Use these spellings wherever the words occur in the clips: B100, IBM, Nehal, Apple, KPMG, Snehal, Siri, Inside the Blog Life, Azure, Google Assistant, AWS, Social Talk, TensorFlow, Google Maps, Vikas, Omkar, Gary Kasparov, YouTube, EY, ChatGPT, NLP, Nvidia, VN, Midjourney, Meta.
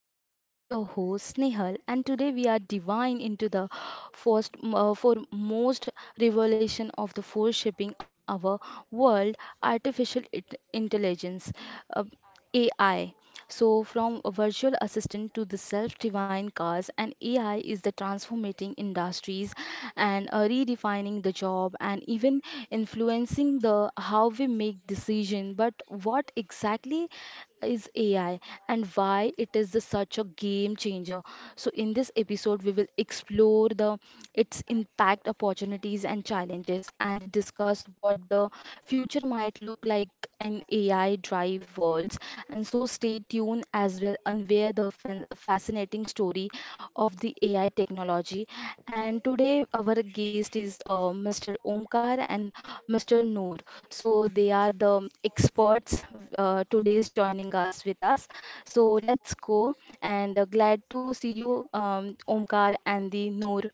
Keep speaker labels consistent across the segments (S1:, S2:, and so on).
S1: to Social Talk. I'm your host Nehal, and today we are diving into the first, foremost revelation of the force shaping our world: artificial it- intelligence, uh, AI. So, from a virtual assistant to the self-driving cars, and AI is the transformating industries and redefining the job and even influencing the how we make decision. But what exactly is AI and why it is the such a game changer. So, in this episode, we will explore the its impact, opportunities, and challenges, and discuss what the future might look like an AI drive worlds, and so stay tuned as well unaware the fascinating story of the AI technology. And today our guest is Mr. Omkar and Mr. Noor, so they are the experts today's joining us with us. So let's go. And glad to see you, Omkar and the Noor.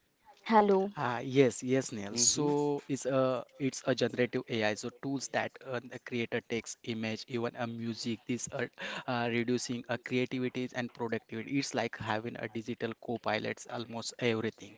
S1: Hello.
S2: Yes, yes, Neil.
S3: Mm-hmm,
S2: So it's a generative AI. So tools that the creator takes image, even a music. These are reducing creativities and productivity. It's like having a digital co-pilots almost everything.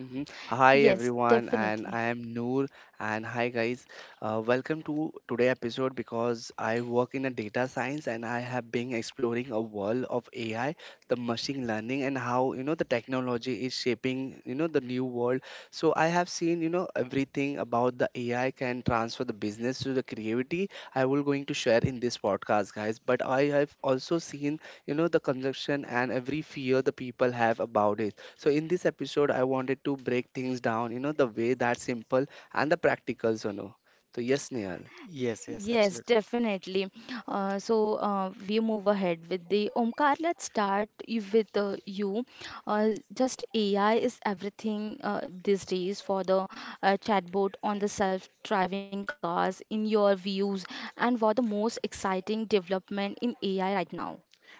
S3: mm-hmm. Hi
S1: Yes,
S3: everyone, and
S1: definitely.
S3: I am Noor. And hi guys, welcome to today episode because I work in a data science and I have been exploring a world of AI, the machine learning, and how the technology is shaping the new world. So I have seen everything about the AI can transfer the business to the creativity. I will going to share in this podcast, guys. But I have also seen the consumption and every fear the people have about it. So in this episode I wanted to break things down, the way that's simple and the practical, so yes, Nehal.
S2: Yes, yes,
S1: Yes,
S2: absolutely.
S1: definitely. We move ahead with the Omkar. Let's start with you. Just AI is everything these days for the chatbot on the self-driving cars. In your views, and what the most exciting development in AI right now?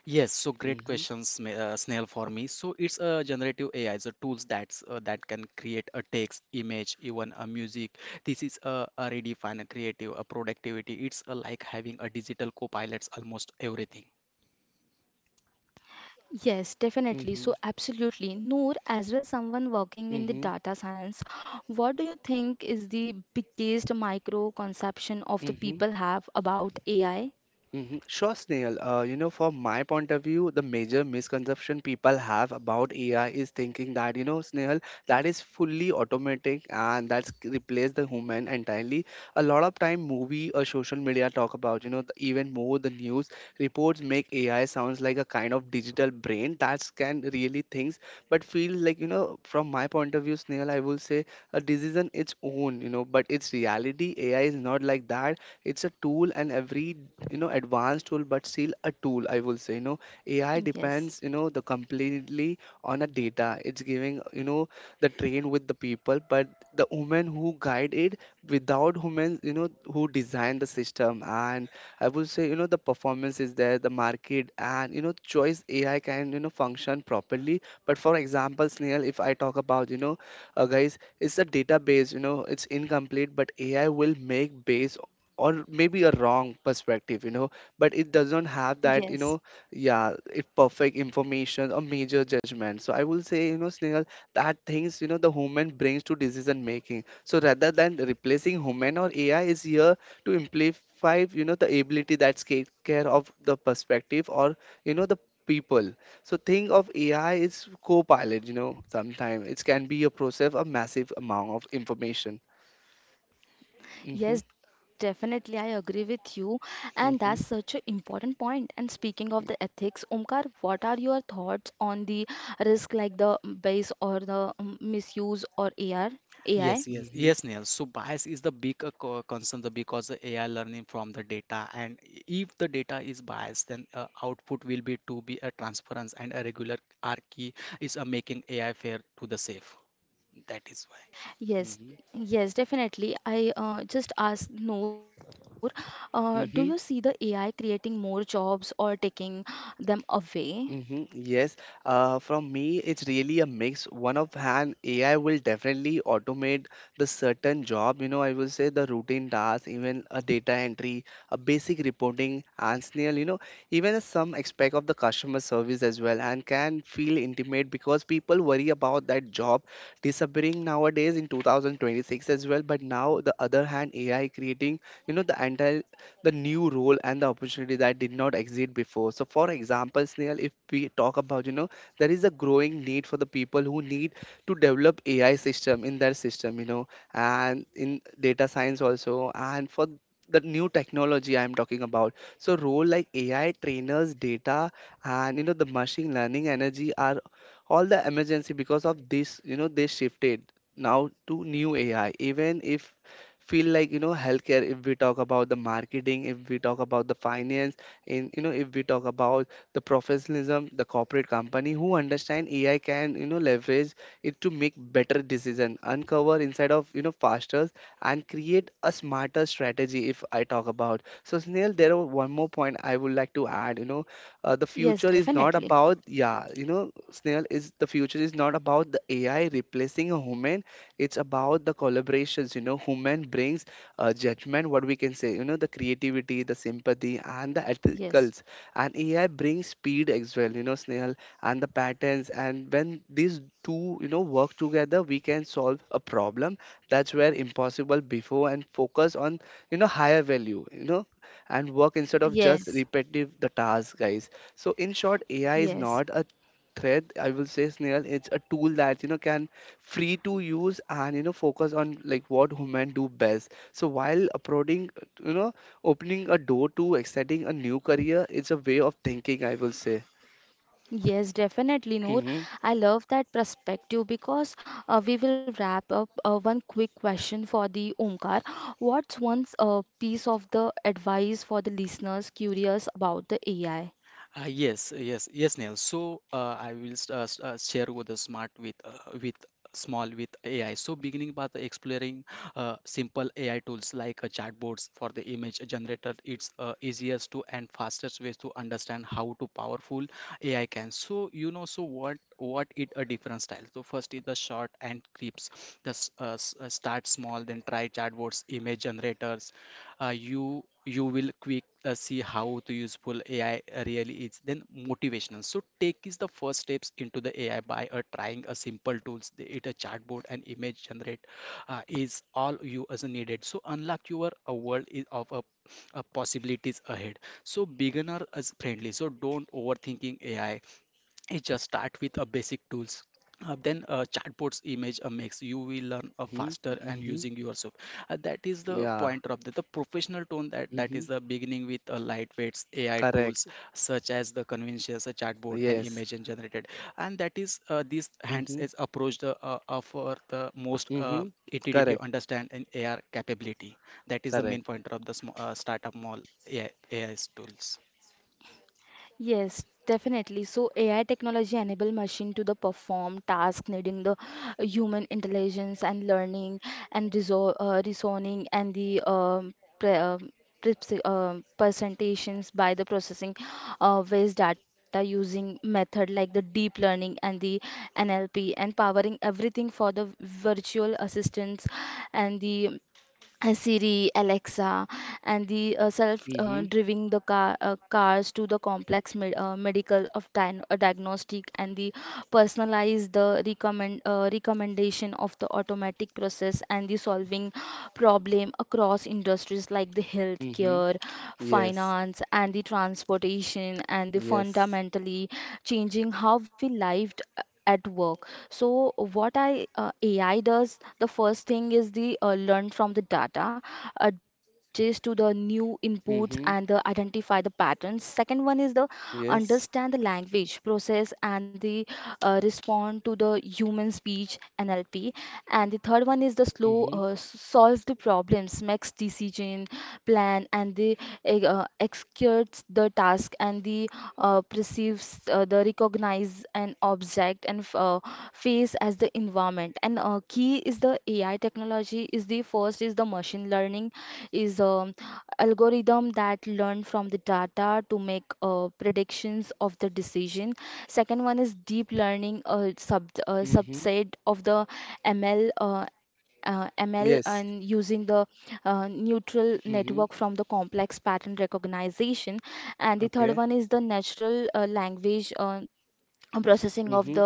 S2: Yes, so great
S3: mm-hmm,
S2: questions, Snail, for me. So it's a generative AI, so tools that can create a text, image, even a music. This is a redefine a creative, a productivity. It's like having a digital co-pilots almost everything.
S1: Yes, definitely.
S3: mm-hmm,
S1: So, absolutely. Noor, as well, someone working in the
S3: mm-hmm,
S1: data science, what do you think is the biggest micro conception of the
S3: mm-hmm.
S1: people have about AI?
S3: Mhm. Sure, Snail. You know, from my point of view, the major misconception people have about AI is thinking that, you know, Snail, that is fully automatic and replace the human entirely. A lot of time, movie or social media talk about, you know, the, even more the news reports make AI sounds like a kind of digital brain that can really things, but feel like, you know, from my point of view, Snail, I will say a decision its own, you know, but its reality, AI is not like that. It's a tool, and every advanced tool, but still a tool, I will say. AI
S1: Yes.
S3: depends, the completely on a data it's giving, the train with the people, but the women who guide it, without humans who design the system. And I will say, the performance is there, the market, and choice AI can function properly. But for example, Snail, if I talk about, guys, it's a database, it's incomplete, but AI will make base or maybe a wrong perspective, but it doesn't have that,
S1: Yes,
S3: yeah, if perfect information or major judgment. So I will say, Snehal, that things the human brings to decision making. So rather than replacing human, or AI is here to amplify, the ability that's take care of the perspective or the people. So think of AI is co-pilot, sometimes it can be a process of massive amount of information.
S1: yes,
S3: Hmm.
S1: definitely. I agree with you. And that's such an
S3: Hmm.
S1: important point. And speaking of the ethics, Omkar, what are your thoughts on the risk like the bias or the misuse or AR, AI?
S2: Yes, yes, yes, Neil. So bias is the big concern because the AI learning from the data, and if the data is biased, then output will be to be a transference and a regular R key is making AI fair to the safe. That is why.
S1: Yes,
S3: Hmm.
S1: yes, definitely. I just asked Noor, do you see the
S3: Mm-hmm,
S1: AI creating more jobs or taking them away?
S3: mm-hmm, yes. From me, it's really a mix. One of hand, AI will definitely automate the certain job. You know, I will say the routine tasks, even a data entry, a basic reporting, and Snail, you know, even a some aspect of the customer service as well, and can feel intimate because people worry about that job disappearing nowadays in 2026 as well. But now, the other hand, AI creating, you know, the entire the new role and the opportunity that did not exist before. So, for example, Snail, if we talk about, you know, there is a growing need for the people who need to develop AI system in their system, you know, and in data science also, and for the new technology I'm talking about. So, role like AI trainers, data, and you know, the machine learning energy are all the emergency because of this, they shifted now to new AI. Even if feel like, healthcare if we talk about, the marketing if we talk about, the finance in, if we talk about the professionalism, the corporate company who understand AI can leverage it to make better decision, uncover inside of, faster, and create a smarter strategy if I talk about. So Snail, there are one more point I would like to add, the future
S1: Yes,
S3: is not
S1: definitely.
S3: about, yeah, Snail, is the future is not about the AI replacing a human. It's about the collaborations, human brings judgment, what we can say, the creativity, the sympathy, and the
S1: Yes,
S3: ethicals. And AI brings speed as well, Snail, and the patterns, and when these two work together, we can solve a problem that's where impossible before, and focus on, higher value, and work instead of just
S1: yes,
S3: repetitive the task, guys. So in short, AI is
S1: yes.
S3: not a threat, I will say, Snail. It's a tool that can free to use and focus on like what women do best. So while uploading, you know opening a door to exciting a new career, it's a way of thinking, I will say.
S1: Yes, definitely, Noor.
S3: mm-hmm,
S1: I love that perspective because we will wrap up one quick question for the Omkar. What's one piece of the advice for the listeners curious about the AI?
S2: Yes, yes, Neil. So I will share with the smart with small with AI. So beginning by the exploring simple AI tools like chatbots for the image generator, it's easiest to and fastest ways to understand how to powerful AI can. So you know, so what it a different style. So first is the short and clips. Start small, then try chatbots, image generators, you will quick see how to useful AI really is. Then motivational. So take is the first steps into the AI by trying a simple tools. It a chatbot and image generate is all you as needed. So unlock your world is of a possibilities ahead. So beginner as friendly, so don't overthinking ai, it just start with a basic tools, then chatbots image makes you will learn
S3: mm-hmm,
S2: faster and
S3: mm-hmm,
S2: using yourself. That is the
S3: yeah.
S2: pointer of the professional tone. That
S3: mm-hmm,
S2: is the beginning with lightweights ai tools
S3: Correct.
S2: such as the conventions a chatbot and
S3: yes
S2: image and generated, and that is this hands
S3: mm-hmm,
S2: is approach the for the most
S3: mm-hmm,
S2: intuitive
S3: Correct.
S2: understand and ar capability. That is the main
S3: correct
S2: pointer of the startup mall ai, AI 's tools.
S1: Yes, definitely. So AI technology enable machine to the perform task needing the human intelligence and learning and resol reasoning and the pre um, presentations by the processing waste data using method like the deep learning and the NLP, and powering everything for the virtual assistants and the Siri, Alexa, and the self
S3: mm-hmm,
S1: driving the car cars to the complex medical of diagnostic and the personalized the recommendation of the automatic process and the solving problem across industries like the
S3: mm-hmm,
S1: healthcare,
S3: yes.
S1: finance, and the transportation, and the
S3: yes
S1: fundamentally changing how we lived at work. So what I AI does, the first thing is the learn from the data, adjust to the new inputs and the
S3: mm-hmm,
S1: identify the patterns. Second one is the understand
S3: yes.
S1: the language process and the respond to the human speech NLP. And the third one is the
S3: mm-hmm,
S1: solves the problems, makes decision, plan and they executes the task and the perceives the recognize an object and face as the environment. And key is the AI technology is the first is the machine learning is algorithm that learn from the data to make predictions of the decision. Second one is deep learning, a
S3: mm-hmm,
S1: subset of the ml, and
S3: yes.
S1: using the neutral network
S3: mm-hmm,
S1: from the complex pattern recognition, and the third
S3: okay.
S1: one is the natural language. Processing of
S3: mm-hmm,
S1: the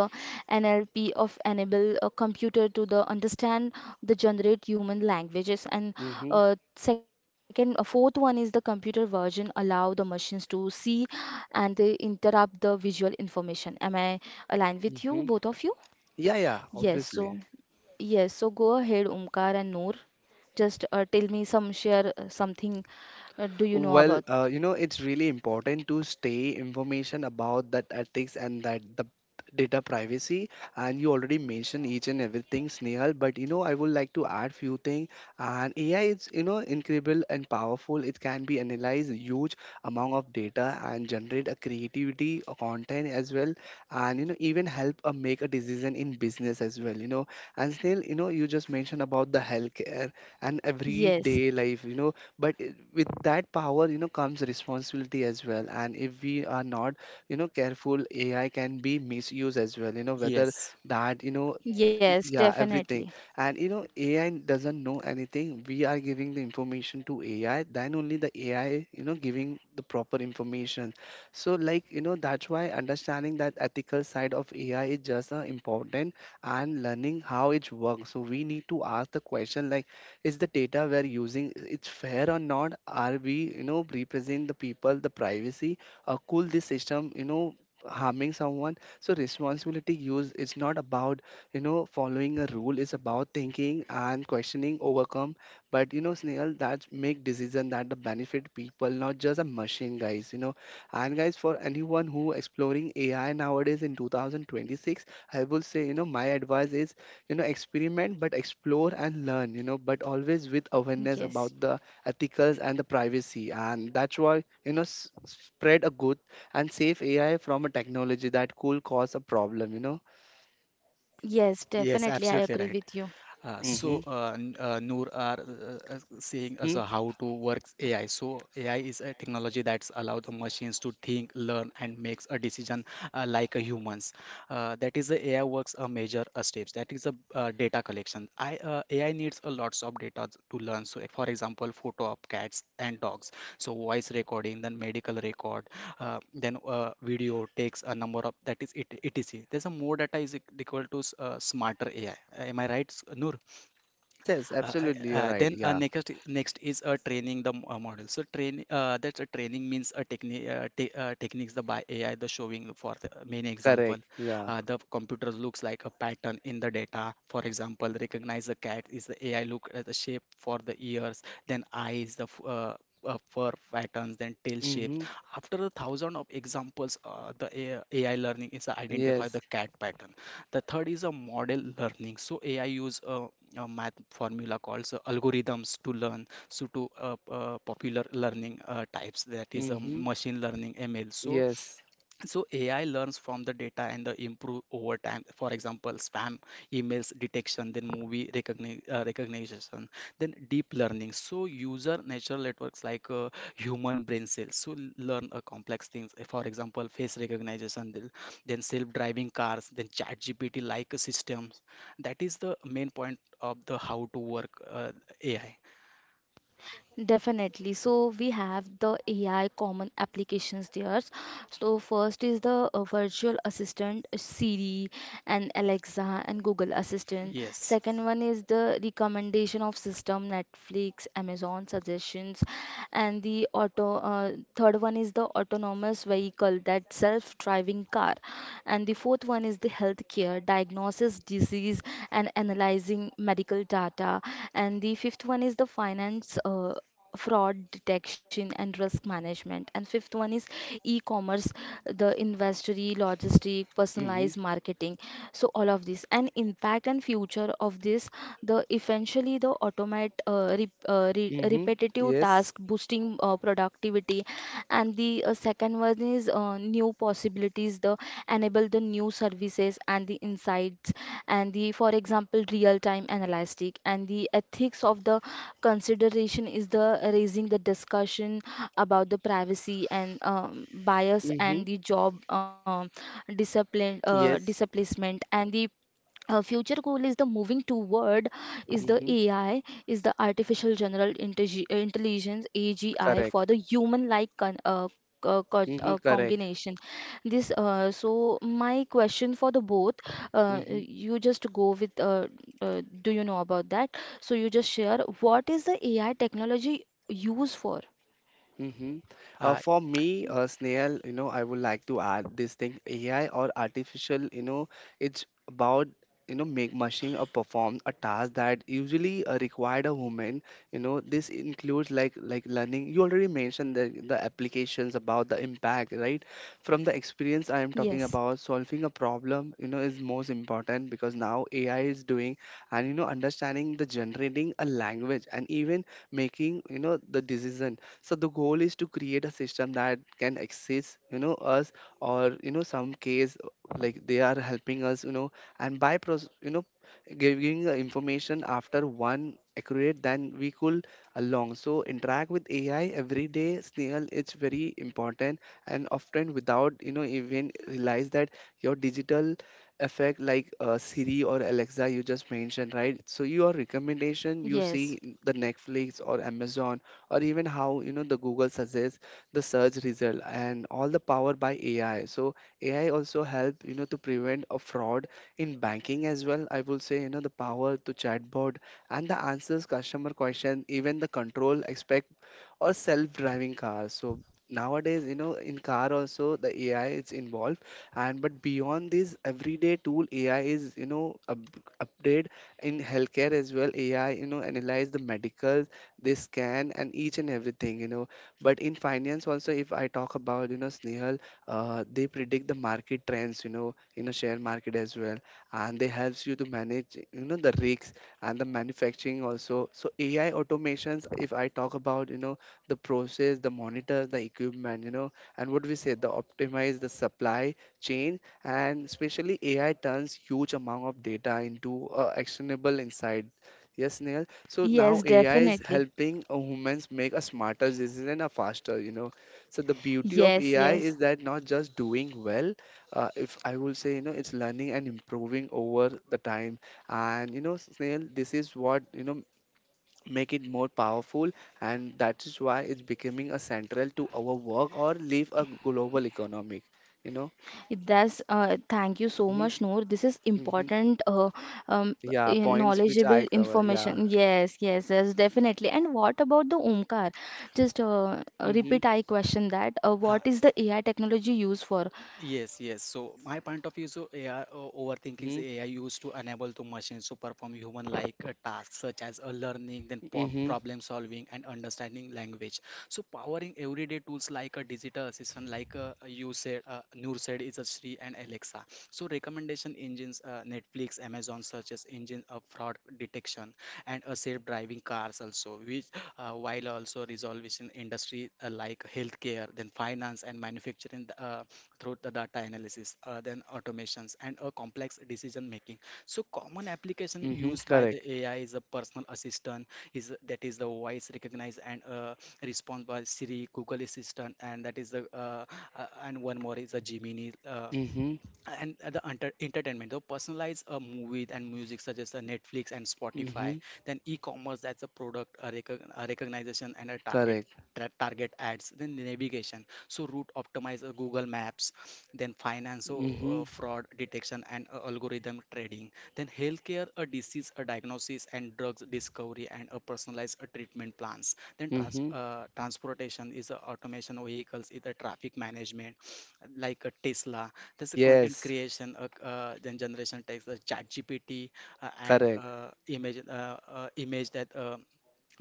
S1: NLP of enable a computer to the understand the generate human languages. And
S3: mm-hmm,
S1: second fourth one is the computer version, allow the machines to see and they interrupt the visual information. Am I aligned with you,
S3: mm-hmm.
S1: both of you?
S3: Yeah, yeah,
S1: Yes, so
S3: obviously.
S1: yes. So go ahead, Umkar and Noor. Just tell me, some share something, do you know
S3: Well,
S1: about?
S3: you know, it's really important to stay information about that ethics and that the data privacy. And you already mentioned each and everything, Snehal. But you know, I would like to add few things. And AI is incredible and powerful. It can be analyze huge amount of data and generate a creativity a content as well. And you know, even help make a decision in business as well. You know, and Snehal, you know, you just mentioned about the healthcare and
S1: Yes,
S3: everyday life. You know, but with that power, comes responsibility as well. And if we are not, careful, AI can be misused as well, whether
S2: Yes,
S3: that,
S1: yes,
S3: yeah, everything.
S1: definitely.
S3: And AI doesn't know anything. We are giving the information to AI, then only the AI, giving the proper information. So like, that's why understanding that ethical side of AI is just important, and learning how it works. So we need to ask the question like, is the data we're using it's fair or not? Are we, representing the people, the privacy, or could this system, harming someone? So responsibility use, it's not about, following a rule. Is about thinking and questioning overcome. But you know, Snail, that make decision that the benefit people, not just a machine, guys. You know, and guys, for anyone who exploring AI nowadays in 2026, I will say, you know, my advice is, you know, experiment, but explore and learn. You know, but always with awareness
S1: Yes,
S3: about the ethicals and the privacy. And that's why, you know, spread a good and safe AI from a technology that could cause a problem. You know.
S1: yes,
S2: yes,
S1: definitely. I
S2: absolutely
S1: agree
S2: right.
S1: with you.
S3: Mm-hmm.
S2: Noor are saying as a how to works AI. So, AI is a technology that's allow the machines to think, learn, and makes a decision like a humans. That is the AI works a major steps. That is a data collection. I AI needs a lots of data to learn. So, if, for example, photo of cats and dogs. So, voice recording, then medical record, then video takes a number of that is it, etc. There's a more data is equal to smarter ai. Am I right, Noor?
S3: Yes, yes,
S2: I-
S3: absolutely. You're right.
S2: then
S3: Yeah,
S2: Next is a training the model. So train that's a training means a technique te techniques the by AI the showing for the main example.
S3: correct. Yeah.
S2: The computer looks like a pattern in the data. For example, recognize the cat is the AI look at the shape for the ears, then eyes the fur patterns, then tail shapes.
S3: Mm-hmm.
S2: After the thousand of examples, the AI, learning is identify the
S3: Yes.
S2: cat pattern. The third is a model learning. So AI use math formula called algorithms to learn, so to popular learning types, that is
S3: Mm-hmm.
S2: machine learning ml. So
S3: Yes.
S2: so AI learns from the data and the improve over time. For example, spam emails detection, then recognition, then deep learning. So user natural networks like human brain cells. So learn complex things. For example, face recognition, then self-driving cars, then chat GPT like systems. That is the main point of the how to work AI.
S1: Definitely. So we have the AI common applications there. So first is the virtual assistant, Siri and Alexa and Google Assistant.
S2: Yes.
S1: Second one is the recommendation of system Netflix, Amazon suggestions, and the auto. Third one is the autonomous vehicle, that self-driving car, and the fourth one is the healthcare diagnosis disease and analyzing medical data, and the fifth one is the finance, fraud detection and risk management, and fifth one is e-commerce, the inventory logistic
S3: Mm-hmm.
S1: personalized marketing. So all of this and impact and future of this, the eventually the
S3: Mm-hmm.
S1: repetitive
S3: Yes.
S1: task, boosting productivity, and the second one is new possibilities, the enable the new services and the insights, and the for example real time analytic, and the ethics of the consideration is the raising the discussion about the privacy and bias
S3: Mm-hmm.
S1: and the job, discipline
S3: Yes.
S1: displacement, and the future goal is the moving toward is the
S3: Mm-hmm.
S1: AI is the artificial general intelligence AGI,
S3: Correct.
S1: for the human like
S3: Mm-hmm. Correct.
S1: combination this. So my question for the both,
S3: Mm-hmm.
S1: you just go with do you know about that? So you just share, what is the AI technology used for?
S3: Mm-hmm.
S2: Uh,
S3: For me, Snail, you know, I would like to add this thing: AI or artificial, you know, it's about make machine or perform a task that usually required a human. You know, this includes like learning. You already mentioned the applications about the impact, right? From the experience I am
S1: Yes,
S3: talking about, solving a problem, you know, is most important because now AI is doing. And you know, understanding the generating a language, and even making, the decision. So the goal is to create a system that can assist, us, or you know, some case like they are helping us, and by you know, giving the information after one accurate, then we could along. So interact with AI every day, Snail, it's very important, and often without, even realize that your digital effect like Siri or Alexa you just mentioned, right? So your recommendation you
S1: yes,
S3: see in the Netflix or Amazon, or even how, the Google suggests the search result, and all the power by AI. So AI also help, to prevent a fraud in banking as well, I will say. The power to chatbot and the answers customer question, even the control expect or self-driving cars. So nowadays, in car also the AI is involved. And but beyond this everyday tool, AI is, up, update in healthcare as well. AI, analyze the medical, they scan and each and everything, but in finance also if I talk about, Snehal, they predict the market trends, in a share market as well, and they helps you to manage, the risks. And the manufacturing also, so AI automations, if I talk about, the process, the monitor the equipment, and what we say, the optimize the supply chain. And especially AI turns huge amount of data into actionable insight, yes Neil. So now
S1: yes,
S3: AI is
S1: definitely,
S3: helping humans make a smarter decision and a faster, you know. So the beauty
S1: yes,
S3: of AI
S1: yes.
S3: is that not just doing well, if I will say, you know, it's learning and improving over the time. And you know, Snail, this is what make it more powerful, and that is why it's becoming a central to our work or leave a global economic, you know.
S1: It does. Thank you so
S3: Mm-hmm,
S1: much, Noor. This is
S3: mm-hmm.
S1: important, um,
S3: Yeah, points which
S1: knowledgeable
S3: I cover. Yeah.
S1: information. Yes, yes, yes, definitely. And what about the Omkar? Just
S3: Mm-hmm,
S1: repeat I question that.
S2: uh,
S1: What is the AI technology used for?
S2: Yes, yes. So my point of view, so AI overthinking is
S3: mm-hmm,
S2: AI used to enable the machines to perform human-like tasks such as learning, then
S3: mm-hmm,
S2: problem solving, and understanding language. So powering everyday tools like a digital assistant, like you said, Noor said, is a Sri and Alexa. So recommendation engines, Netflix, Amazon searches engine, fraud detection, and self-driving cars also, which while also resolving industry like healthcare, then finance and manufacturing, through the data analysis, then automations, and a complex decision making. So, common application
S3: mm-hmm.
S2: used by the
S3: Correct.
S2: AI is a personal assistant, is that is the voice recognize and response by Siri, Google Assistant, and that is the and one more is a Gemini.
S3: Mm-hmm.
S2: And the entertainment, so personalize a movie and music such as the Netflix and Spotify,
S3: Mm-hmm.
S2: then e-commerce, that's a product a recognition and a
S3: Correct.
S2: target ads, then navigation, so route optimize Google Maps, then finance, so
S3: Mm-hmm.
S2: fraud detection and algorithm trading, then healthcare a disease a diagnosis and drugs discovery and a personalized treatment plans, then
S3: Mm-hmm.
S2: transportation is automation of vehicles is the traffic management like a Tesla. There's a content
S3: Yes.
S2: creation, then generation text, ChatGPT, and
S3: Correct.
S2: image that uh,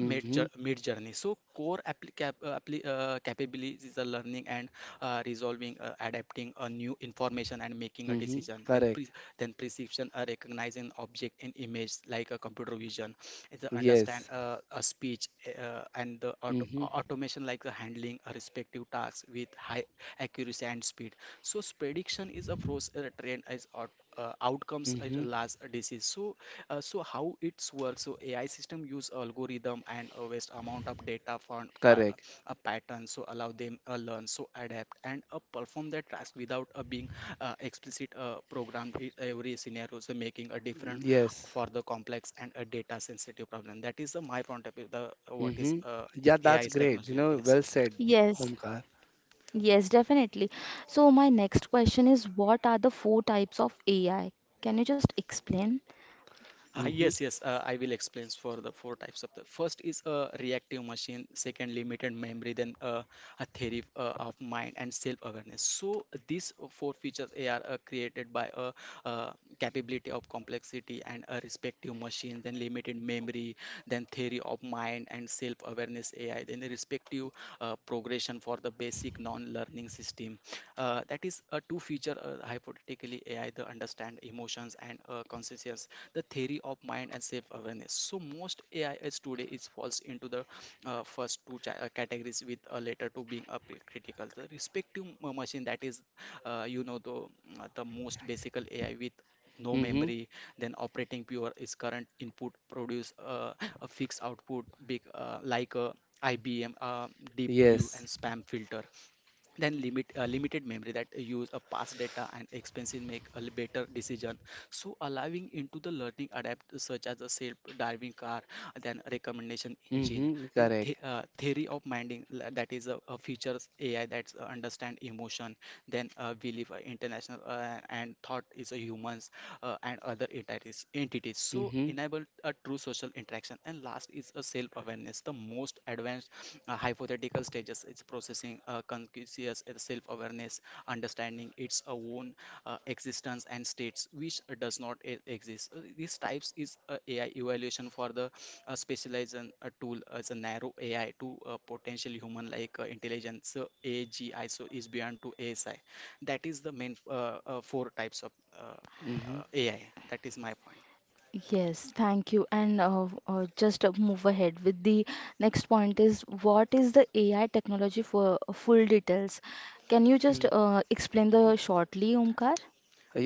S2: mid mid journey. So core appli- cap- appli- capabilities is a learning and resolving adapting a new information and making a
S3: Mm-hmm.
S2: decision,
S3: Correct.
S2: then perception recognizing object in image like a computer vision. It's a understand
S3: Yes.
S2: a speech and the
S3: Mm-hmm.
S2: automation like the handling a respective tasks with high accuracy and speed. So prediction is a process outcomes at a
S3: Mm-hmm.
S2: last disease. So so how it's works? So AI system use algorithm and a vast amount of data for by
S3: Correct.
S2: a pattern, so allow them learn, so adapt and perform their task without being explicit programmed in every scenario, so making a different
S3: Yes.
S2: for the complex and a data sensitive problem. That is the my point of view. The what is
S3: Mm-hmm. Yeah,
S2: AI
S3: that's
S2: is
S3: great, you
S2: technology?
S3: know,
S2: Yes.
S3: well said,
S1: Yes,
S3: Omkar.
S1: yes, definitely. So my next question is, what are the four types of AI? Can you just explain?
S3: Mm-hmm.
S2: Yes, yes, I will explain for the four types. Of the first is a reactive machine, second limited memory, then a theory of mind and self-awareness. So these four features they are created by a uh, capability of complexity and a respective machine, then limited memory, then theory of mind and self-awareness AI, then the respective progression for the basic non-learning system. That is a two feature hypothetically AI the understand emotions and consciousness the theory of mind and self awareness. So most ais today is falls into the first two categories with a later to being a critical. The respective machine that is, you know, the most basic ai with no
S3: Mm-hmm.
S2: memory, then operating pure is current input produce a fixed output big like a IBM Deep Blue
S3: Yes.
S2: and spam filter. Then limited memory that use a past data and expensive make a better decision, so allowing into the learning adapt such as a self driving car, then recommendation engine.
S3: Mm-hmm.
S2: Then the,
S3: Correct.
S2: theory of minding l- that is a features ai that's understand emotion, then we live international and thought is a humans and other entities, so
S3: Mm-hmm.
S2: enable a true social interaction. And last is a self awareness, the most advanced hypothetical stages. It's processing conscious self-awareness, understanding its own existence and states, which does not e- exist. These types is ai evaluation for the specialized and tool as a narrow ai to potential human like intelligence, so agi, so is beyond to asi. That is the main four types of uh,
S3: Mm-hmm.
S2: ai. That is my point.
S1: Yes, thank you. And just move ahead with the next point is, what is the AI technology for, full details? Can you just explain the shortly, Omkar?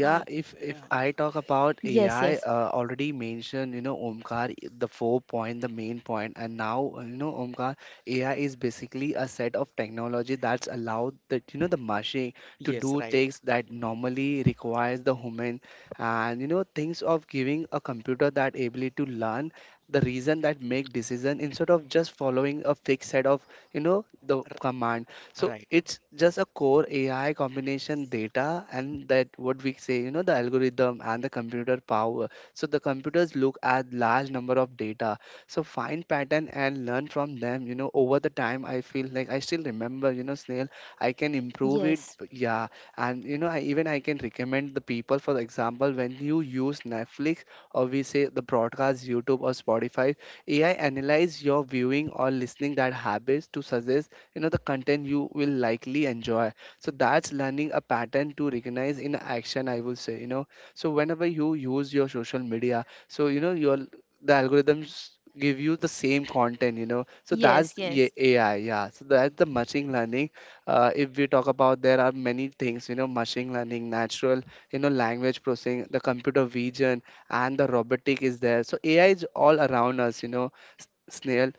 S2: uh,
S3: if
S2: yeah.
S3: I talk about
S1: Yes,
S3: AI,
S1: yes,
S3: already mentioned, you know, Omkar, the four point, the main point, and now, you know, Omkar, AI is basically a set of technology that's allowed that, you know, the machine to
S2: Yes,
S3: do
S2: right.
S3: tasks that normally requires the human, and you know, things of giving a computer that ability to learn the reason that make decision instead of just following a fixed set of, you know, the
S2: R-
S3: command. So
S2: right,
S3: it's just a core AI combination data and that what we say, you know, the algorithm and the computer power. So the computers look at large number of data. So find pattern and learn from them. You know, over the time I feel like I still remember, you know, Snail, I can improve it.
S1: yes,
S3: but Yeah. And you know, I can recommend the people, for example, when you use Netflix or we say the broadcast, YouTube or Spotify, AI analyze your viewing or listening that habits to suggest, you know, the content you will likely enjoy. So that's learning a pattern to recognize in action, I will say, you know. So whenever you use your social media, so you know your the algorithms give you the same content, you know. So
S1: yes,
S3: that's
S1: yes,
S3: AI, yeah, so that's the machine learning. If we talk about, there are many things, you know, machine learning, natural, you know, language processing, the computer vision, and the robotic is there, so AI is all around us, you know. S- Snail,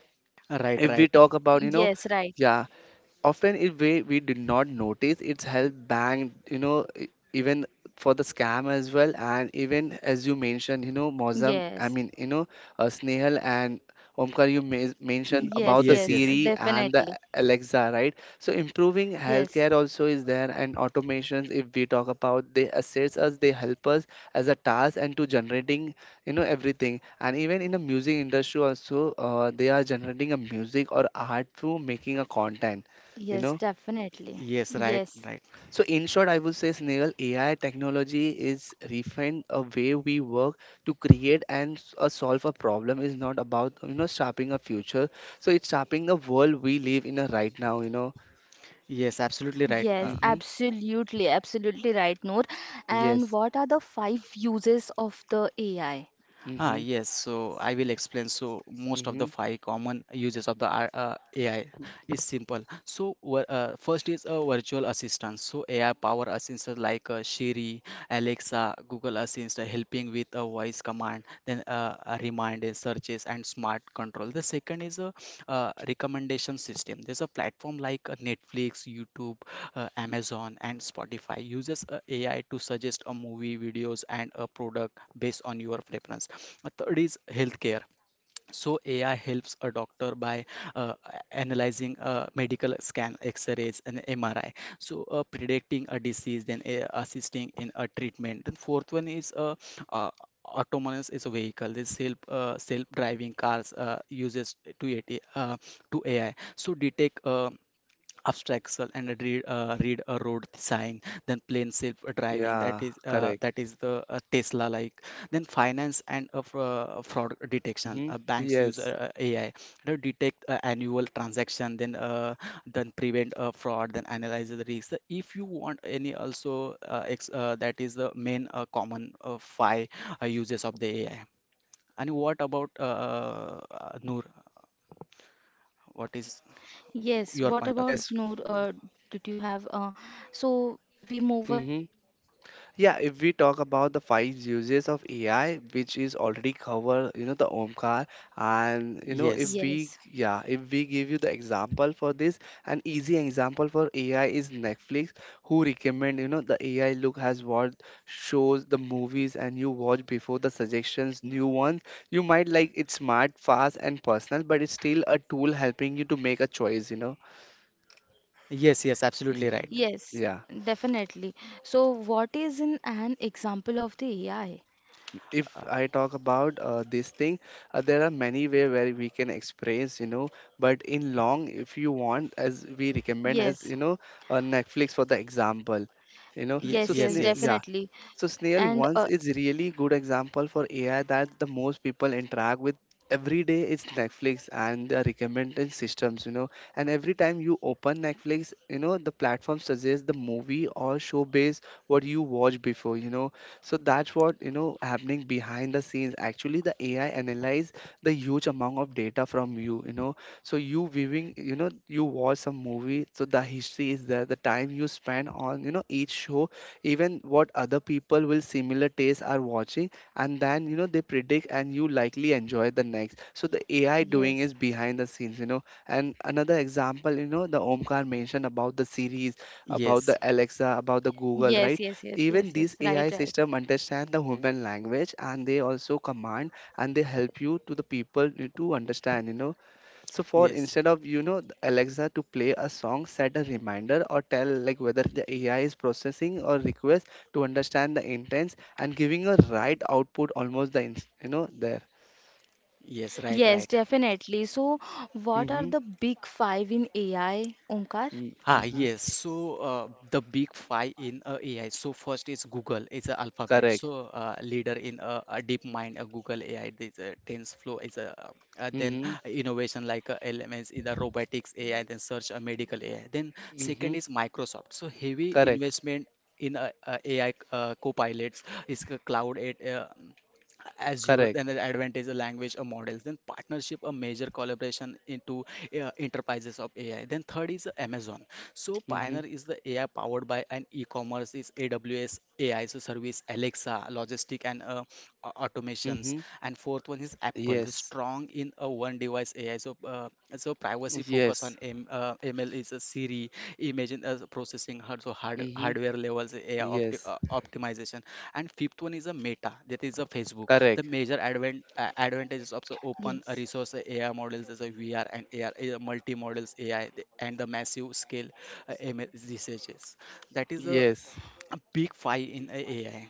S2: right,
S3: if we
S2: right.
S3: talk about, you know,
S1: yes, right.
S3: yeah, often in way we did not notice it's held bank, you know, even for the scam as well. And even as you mentioned, you know, Mozam, I
S1: Yes,
S3: mean, you know, Snehal and Omkar, you mentioned
S2: Y-
S1: yes,
S3: about the
S2: yes,
S1: yes,
S2: yes.
S3: Siri and the
S1: definitely.
S3: Alexa, right? So improving
S1: Yes,
S3: healthcare also is there, and automations, if we talk about, they assist us, they help us as a task and to generating, you know, everything. And even in the music industry also, they are generating a music or art through making a content, you
S1: yes,
S3: know.
S1: definitely.
S2: Yes, right,
S1: Yes,
S2: right.
S3: So in short, I would say, Snail, AI technology is refined a way we work to create and solve a problem, is not about, you know, shaping a future. So it's shaping the world we live in a right now, you know.
S2: Yes, absolutely
S1: yes,
S2: right.
S3: Mm-hmm.
S1: absolutely, absolutely right, Noor. And what
S3: Yes.
S1: are the five uses of the AI?
S3: Mm-hmm.
S2: Yes, so I will explain. So most of the
S3: Mm-hmm.
S2: five common uses of the AI is simple. So first is a virtual assistant. So AI power assistants like Siri, Alexa, Google Assistant helping with a voice command, then a reminder, searches, and smart control. The second is a recommendation system. There's a platform like Netflix, YouTube, Amazon, and Spotify uses AI to suggest a movie, videos, and a product based on your preference. Third is healthcare. So AI helps a doctor by uh, analyzing a medical scan, X-rays, and MRI. So predicting a disease, then assisting in a treatment. Then fourth one is uh, autonomous is a vehicle. This self-driving cars uses to AI. So detect obstacle and I'd read a road sign. Then plain self driving, that
S3: Yeah.
S2: is uh,
S3: Correct.
S2: that is the uh, tesla like. Then finance and fraud detection.
S3: Mm-hmm.
S2: Banks use
S3: Yes.
S2: ai to detect annual transaction, then prevent fraud, then analyze the risk. So if you want any, also, that is the main common five uses of the ai. And what about noor, what is
S1: Yes,
S2: your
S1: what
S2: point of
S1: about
S2: view?
S3: Yes.
S1: Noor? Did you have so we move
S3: Mm-hmm.
S1: ahead with the next
S3: Yeah,
S1: one
S3: if
S1: is
S3: we
S1: the
S3: talk
S1: what?
S3: about the five
S1: Yes,
S3: uses of AI, which is already covered, you know, the Omkar, and you know,
S2: yes
S3: if
S1: yes,
S3: we, yeah, if we give you the example for this, an easy example for AI is Netflix, who recommend, you know, the AI look has what shows the movies and you watch before the suggestions, new ones. You might like it's smart, fast, and personal, but it's still a tool helping you to make a choice, you know.
S2: Yes, yes, absolutely right.
S3: Mhm.
S1: yes,
S3: Yeah.
S1: definitely. So, what is in an example of the AI?
S3: If
S2: Uh,
S3: I talk about this thing, there are many way where we can experience, you know. But in long, if you want, as we recommend, as
S1: Yes,
S3: you know, Netflix for the example, you know. So
S1: yes,
S2: yes,
S1: yes,
S2: yes,
S3: yeah,
S1: definitely.
S3: so Snail,
S1: And
S3: once is really good example for AI that the most people interact with every day is Netflix and the recommendation systems, you know. And every time you open Netflix, you know, the platform suggests the movie or show based what you watched before, you know. So that's what, you know, happening behind the scenes. Actually the AI analyze the huge amount of data from you, you know. So you viewing, you know, you watch some movie, so the history is there, the time you spend on, you know, each show, even what other people with similar tastes are watching, and then, you know, they predict and you likely enjoy the next. So the AI doing is
S1: yes,
S3: behind the scenes, you know. And another example, you know, the Omkar mentioned about the series, about the
S2: yes,
S3: Alexa, about the Google,
S1: yes,
S3: right?
S1: yes, yes, yes,
S3: Even
S1: yes,
S3: these
S1: right,
S3: AI
S1: right.
S3: system understand the human language and they also command, and they help you to the people to understand, you know. So for
S2: yes,
S3: instead of, you know, Alexa to play a song, set a reminder or tell like whether the AI is processing or request to understand the intents and giving a right output almost the you know there.
S2: yes, right,
S1: Yes,
S2: right.
S1: definitely. So, what are
S3: Mhm.
S1: the big five in AI, Omkar?
S3: Mm,
S2: Ah,
S3: Mhm.
S2: yes. So the big five in AI. So first is Google. It's a alphabet.
S3: Correct.
S2: So leader in a DeepMind, Google AI. This TensorFlow is a. Then
S3: Mhm.
S2: innovation like LMS in the robotics AI. Then search medical AI. Then
S3: Mhm.
S2: second is Microsoft. So heavy
S3: Correct.
S2: investment in AI co-pilots is cloud at Azure.
S3: Correct.
S2: Then the advantage of language models. Then partnership, a major collaboration into enterprises of AI. Then third is Amazon. So
S3: Mhm.
S2: Pioneer is the AI powered by an e-commerce is AWS AI, so service Alexa, logistic, and automations.
S3: Mhm.
S2: And fourth one is Apple, the
S3: Yes.
S2: strong in a one device AI. So privacy focus
S3: Yes.
S2: on ML is a Siri, imagine as processing
S3: Mhm.
S2: hardware levels AI
S3: Yes.
S2: optimization. And fifth one is a Meta, that is a Facebook. The
S3: Correct.
S2: major advent advantages of the
S1: Yes.
S2: open resource AI models is a VR and AR, multi models AI, and the massive scale MS researches. That is a,
S3: Yes.
S2: a big fight in AI.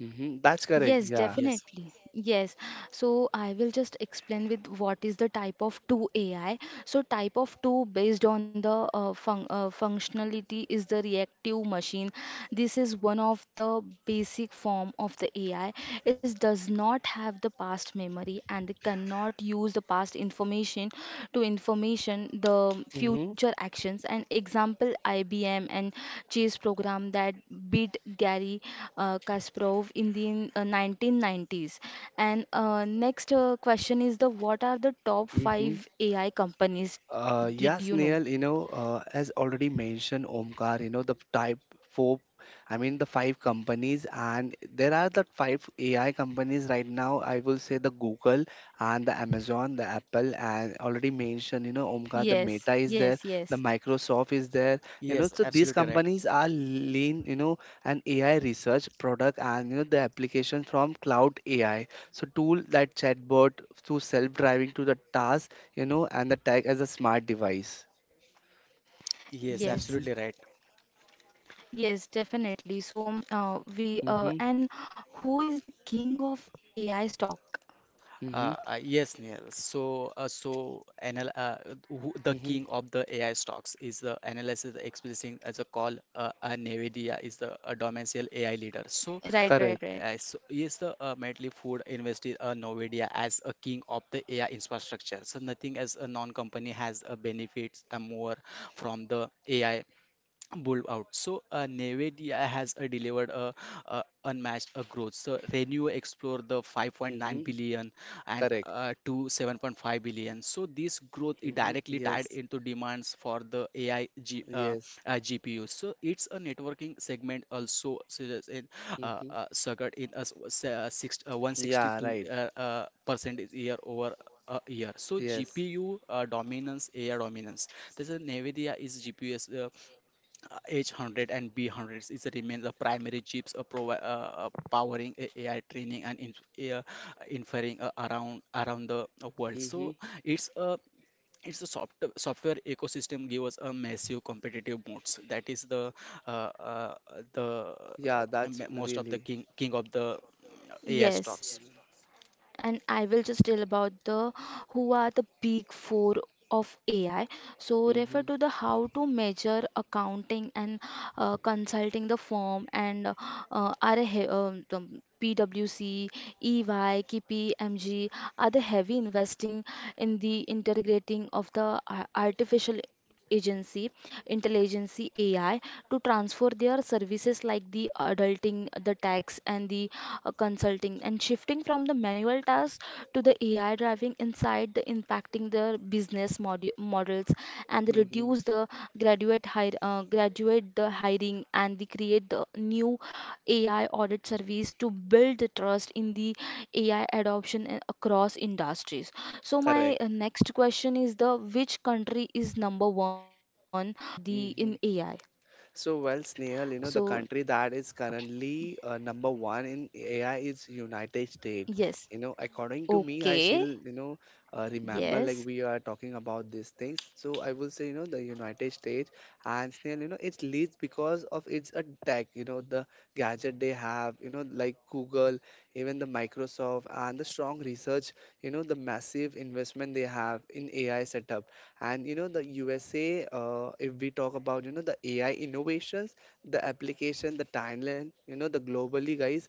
S3: Mhm. That's correct.
S1: Yes,
S3: Yeah.
S2: Yes,
S1: definitely. Yes. So I will just explain with what is the type of 2 AI. So type of 2 based on the functionality is the reactive machine. This is one of the basic form of the AI. It does not have the past memory and the cannot use the past information to information the
S3: Mhm.
S1: future actions. An example, IBM and chess program that beat Gary Kasparov in the 1990s. And next question is the, what are the top
S3: Mhm.
S1: five AI companies? Did
S3: Yes,
S1: you know?
S3: Neil, you know, as already mentioned, Omkar, you know, the type four, I mean, the five companies, and there are the five AI companies right now. I will say the Google and the Amazon, the Apple, and already mentioned, you know, Omkar, the
S1: Yes,
S3: Meta is
S1: yes,
S3: there,
S1: yes.
S3: the Microsoft is there, you know,
S2: yes,
S3: so these
S2: absolutely right.
S3: companies are lean, you know, an AI research product and, you know, the application from cloud AI. So, tool that chatbot to self driving to the task, you know, and the tag as a smart device.
S2: Yes,
S3: Mm-hmm,
S2: absolutely
S1: Yes,
S2: right.
S1: yes, definitely. So, we
S3: mm-hmm,
S1: and who is the king of AI stock?
S3: mm-hmm,
S2: Yes, Neil. So, so anal who, the
S3: mm-hmm.
S2: king of the AI stocks is the analysis expressing as a call. Nvidia is the domestic AI leader. So,
S1: Right,
S3: Correct.
S1: right, right.
S2: yes, the Medley Food invested Nvidia as a king of the AI infrastructure. So, nothing as a non-company has benefits more from the AI Bull out. So Nevedia has delivered a unmatched growth. So Renew explored the 5.9
S3: Mm-hmm,
S2: billion and
S3: correct.
S2: to 7.5 billion. So this growth is
S3: Mm-hmm,
S2: directly tied
S3: yes,
S2: into demands for the AI uh,
S3: yes.
S2: GPU. So it's a networking segment also suggests in
S3: Mm-hmm.
S2: circuit in us,
S3: Yeah,
S2: 162
S3: right.
S2: percent is year over a year. So
S3: Yes.
S2: GPU dominance, AI dominance. This is NVIDIA is GPU's H100 and B100 is remain the primary chips, powering AI training and uh, inferring around the world.
S3: Mm-hmm.
S2: So it's a it's a software ecosystem give us a massive competitive moats. That is uh, uh, the uh,
S3: Yeah, that's
S2: m- most of the
S3: really.
S2: king of the AI
S1: Yes,
S2: stocks.
S1: and I will just tell about the, who are the big four of AI. So refer
S3: Mm-hmm,
S1: to the how to measure accounting and consulting the firm, and are a PwC, EY, KPMG are the heavy investing in the integrating of the artificial agency intelligence AI, to transfer their services like the adulting the tax and the consulting, and shifting from the manual tasks to the AI driving inside the impacting their business models, and
S3: mm-hmm.
S1: reduce the graduate the hiring, and the create the new AI audit service to build the trust in the AI adoption across industries. So my
S3: Correct.
S1: next question is the, which country is number one for the in
S3: Mm-hmm.
S1: AI?
S3: So, well, Snehal, you know,
S1: So
S3: the country that is currently number one in AI is United States.
S1: yes,
S3: You know, according to me, I
S1: okay,
S3: still, you know, remember
S1: yes.
S3: like we are talking about these things. So I will say, you know, the United States and Snail, you know, it leads because of its a tech, you know, the gadget they have, you know, like Google, even the Microsoft and the strong research, you know, the massive investment they have in AI setup, and you know, the USA, if we talk about, you know, the AI innovations, the application, the timeline, you know, the globally, guys,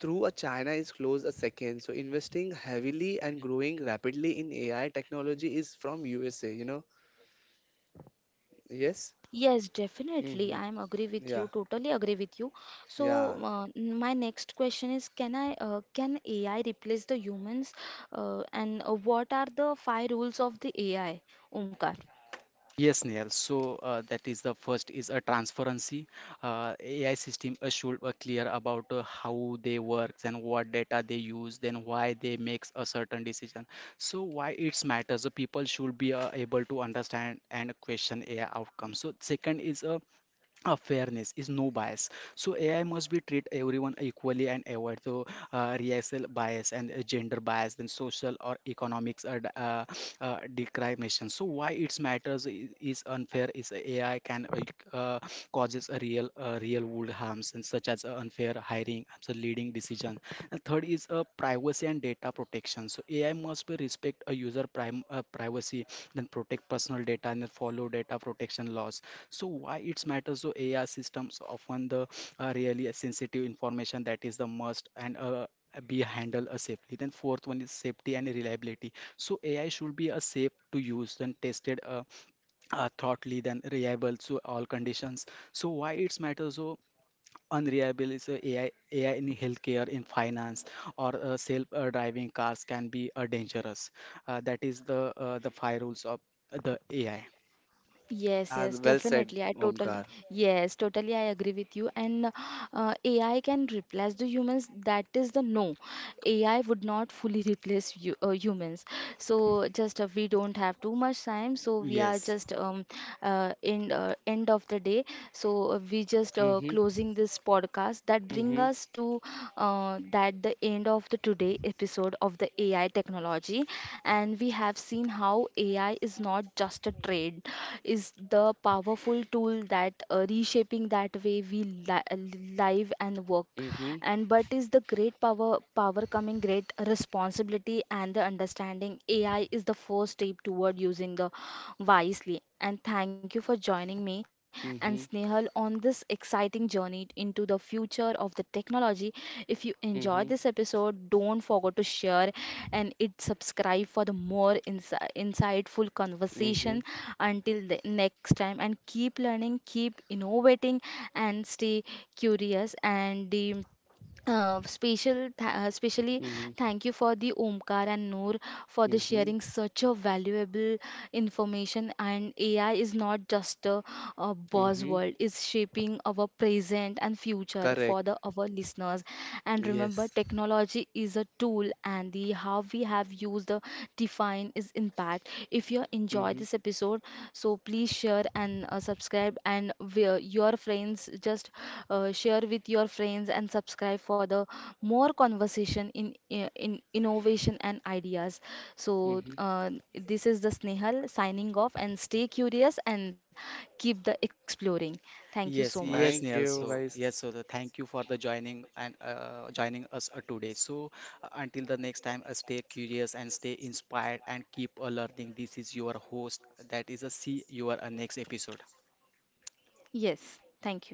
S3: through a China is close a second. So investing heavily and growing rapidly in AI technology is from USA, you know. Yes?
S1: Yes, definitely.
S3: Mm-hmm.
S1: I'm agree with
S3: Yeah,
S1: you. Totally agree with you. So,
S3: yeah,
S1: my next question is, can AI replace the humans? And what are the five rules of the AI, Omkar?
S2: Yes, Neil. So that is the first is a transparency. AI system should clear about how they work and what data they use, then why they make a certain decision. So why it's matters. The people should be able to understand and question AI outcome. So second is fairness is no bias, so ai must be treat everyone equally and avoid, so racial bias and gender bias, then social or economics or discrimination. So why it matters, is unfair is ai can uh, causes a real world harms, and such as unfair hiring, so leading decision. And third is privacy and data protection, so ai must be respect a user prime privacy, then protect personal data and then follow data protection laws. So why it's matters? So AI systems often the really sensitive information that is the must and be handled safely. Then fourth one is safety and reliability. So AI should be a safe to use, then tested thoughtly, then reliable to all conditions. So why it's matters? So unreliable is AI in healthcare, in finance, or self driving cars can be dangerous. That is the five rules of the AI.
S1: Yes,
S3: yeah.
S1: yes,
S3: Well said,
S1: definitely. I
S3: Omkar.
S1: totally, yes, totally. I agree with you. And AI can replace the humans. That is the no. AI would not fully replace you, humans. So just we don't have too much time. So we are
S2: Yes.
S1: just in end of the day. So we just
S3: Mm-hmm.
S1: closing this podcast. That bring
S3: Mm-hmm.
S1: us to that the end of the today episode of the AI technology, and we have seen how AI is not just a trade, is the powerful tool that reshaping that way we live and work,
S3: Mm-hmm.
S1: and but is the great power coming great responsibility, and the understanding AI is the first step toward using the wisely. And thank you for joining me and
S3: Mm-hmm.
S1: Snehal on this exciting journey into the future of the technology. If you enjoyed
S3: Mm-hmm.
S1: this episode, don't forget to share and it subscribe for the more insightful conversation.
S3: Mm-hmm.
S1: Until the next time, and keep learning, keep innovating, and stay curious. And the specially
S3: Mm-hmm.
S1: thank you for the Omkar and Noor for the
S3: Mm-hmm.
S1: sharing such a valuable information. And AI is not just a
S3: Mm-hmm.
S1: buzzword; it's shaping our present and future for
S3: Correct.
S1: the our listeners. And remember,
S3: Yes.
S1: technology is a tool, and the how we have used the define is impact. If you enjoyed
S3: Mm-hmm.
S1: this episode, so please share and subscribe, and your friends, just share with your friends and subscribe for the more conversation in innovation and ideas. So
S3: Mm-hmm.
S1: this is the Snehal signing off, and stay curious and keep the exploring. Thank you so
S2: Yes,
S1: much.
S2: yes,
S3: Thank
S2: Neil.
S3: you,
S2: So,
S3: guys.
S2: yes, so thank you for the joining and joining us today. So, until the next time, stay curious and stay inspired and keep learning. This is your host. That is a see your next episode.
S1: Yes, thank you.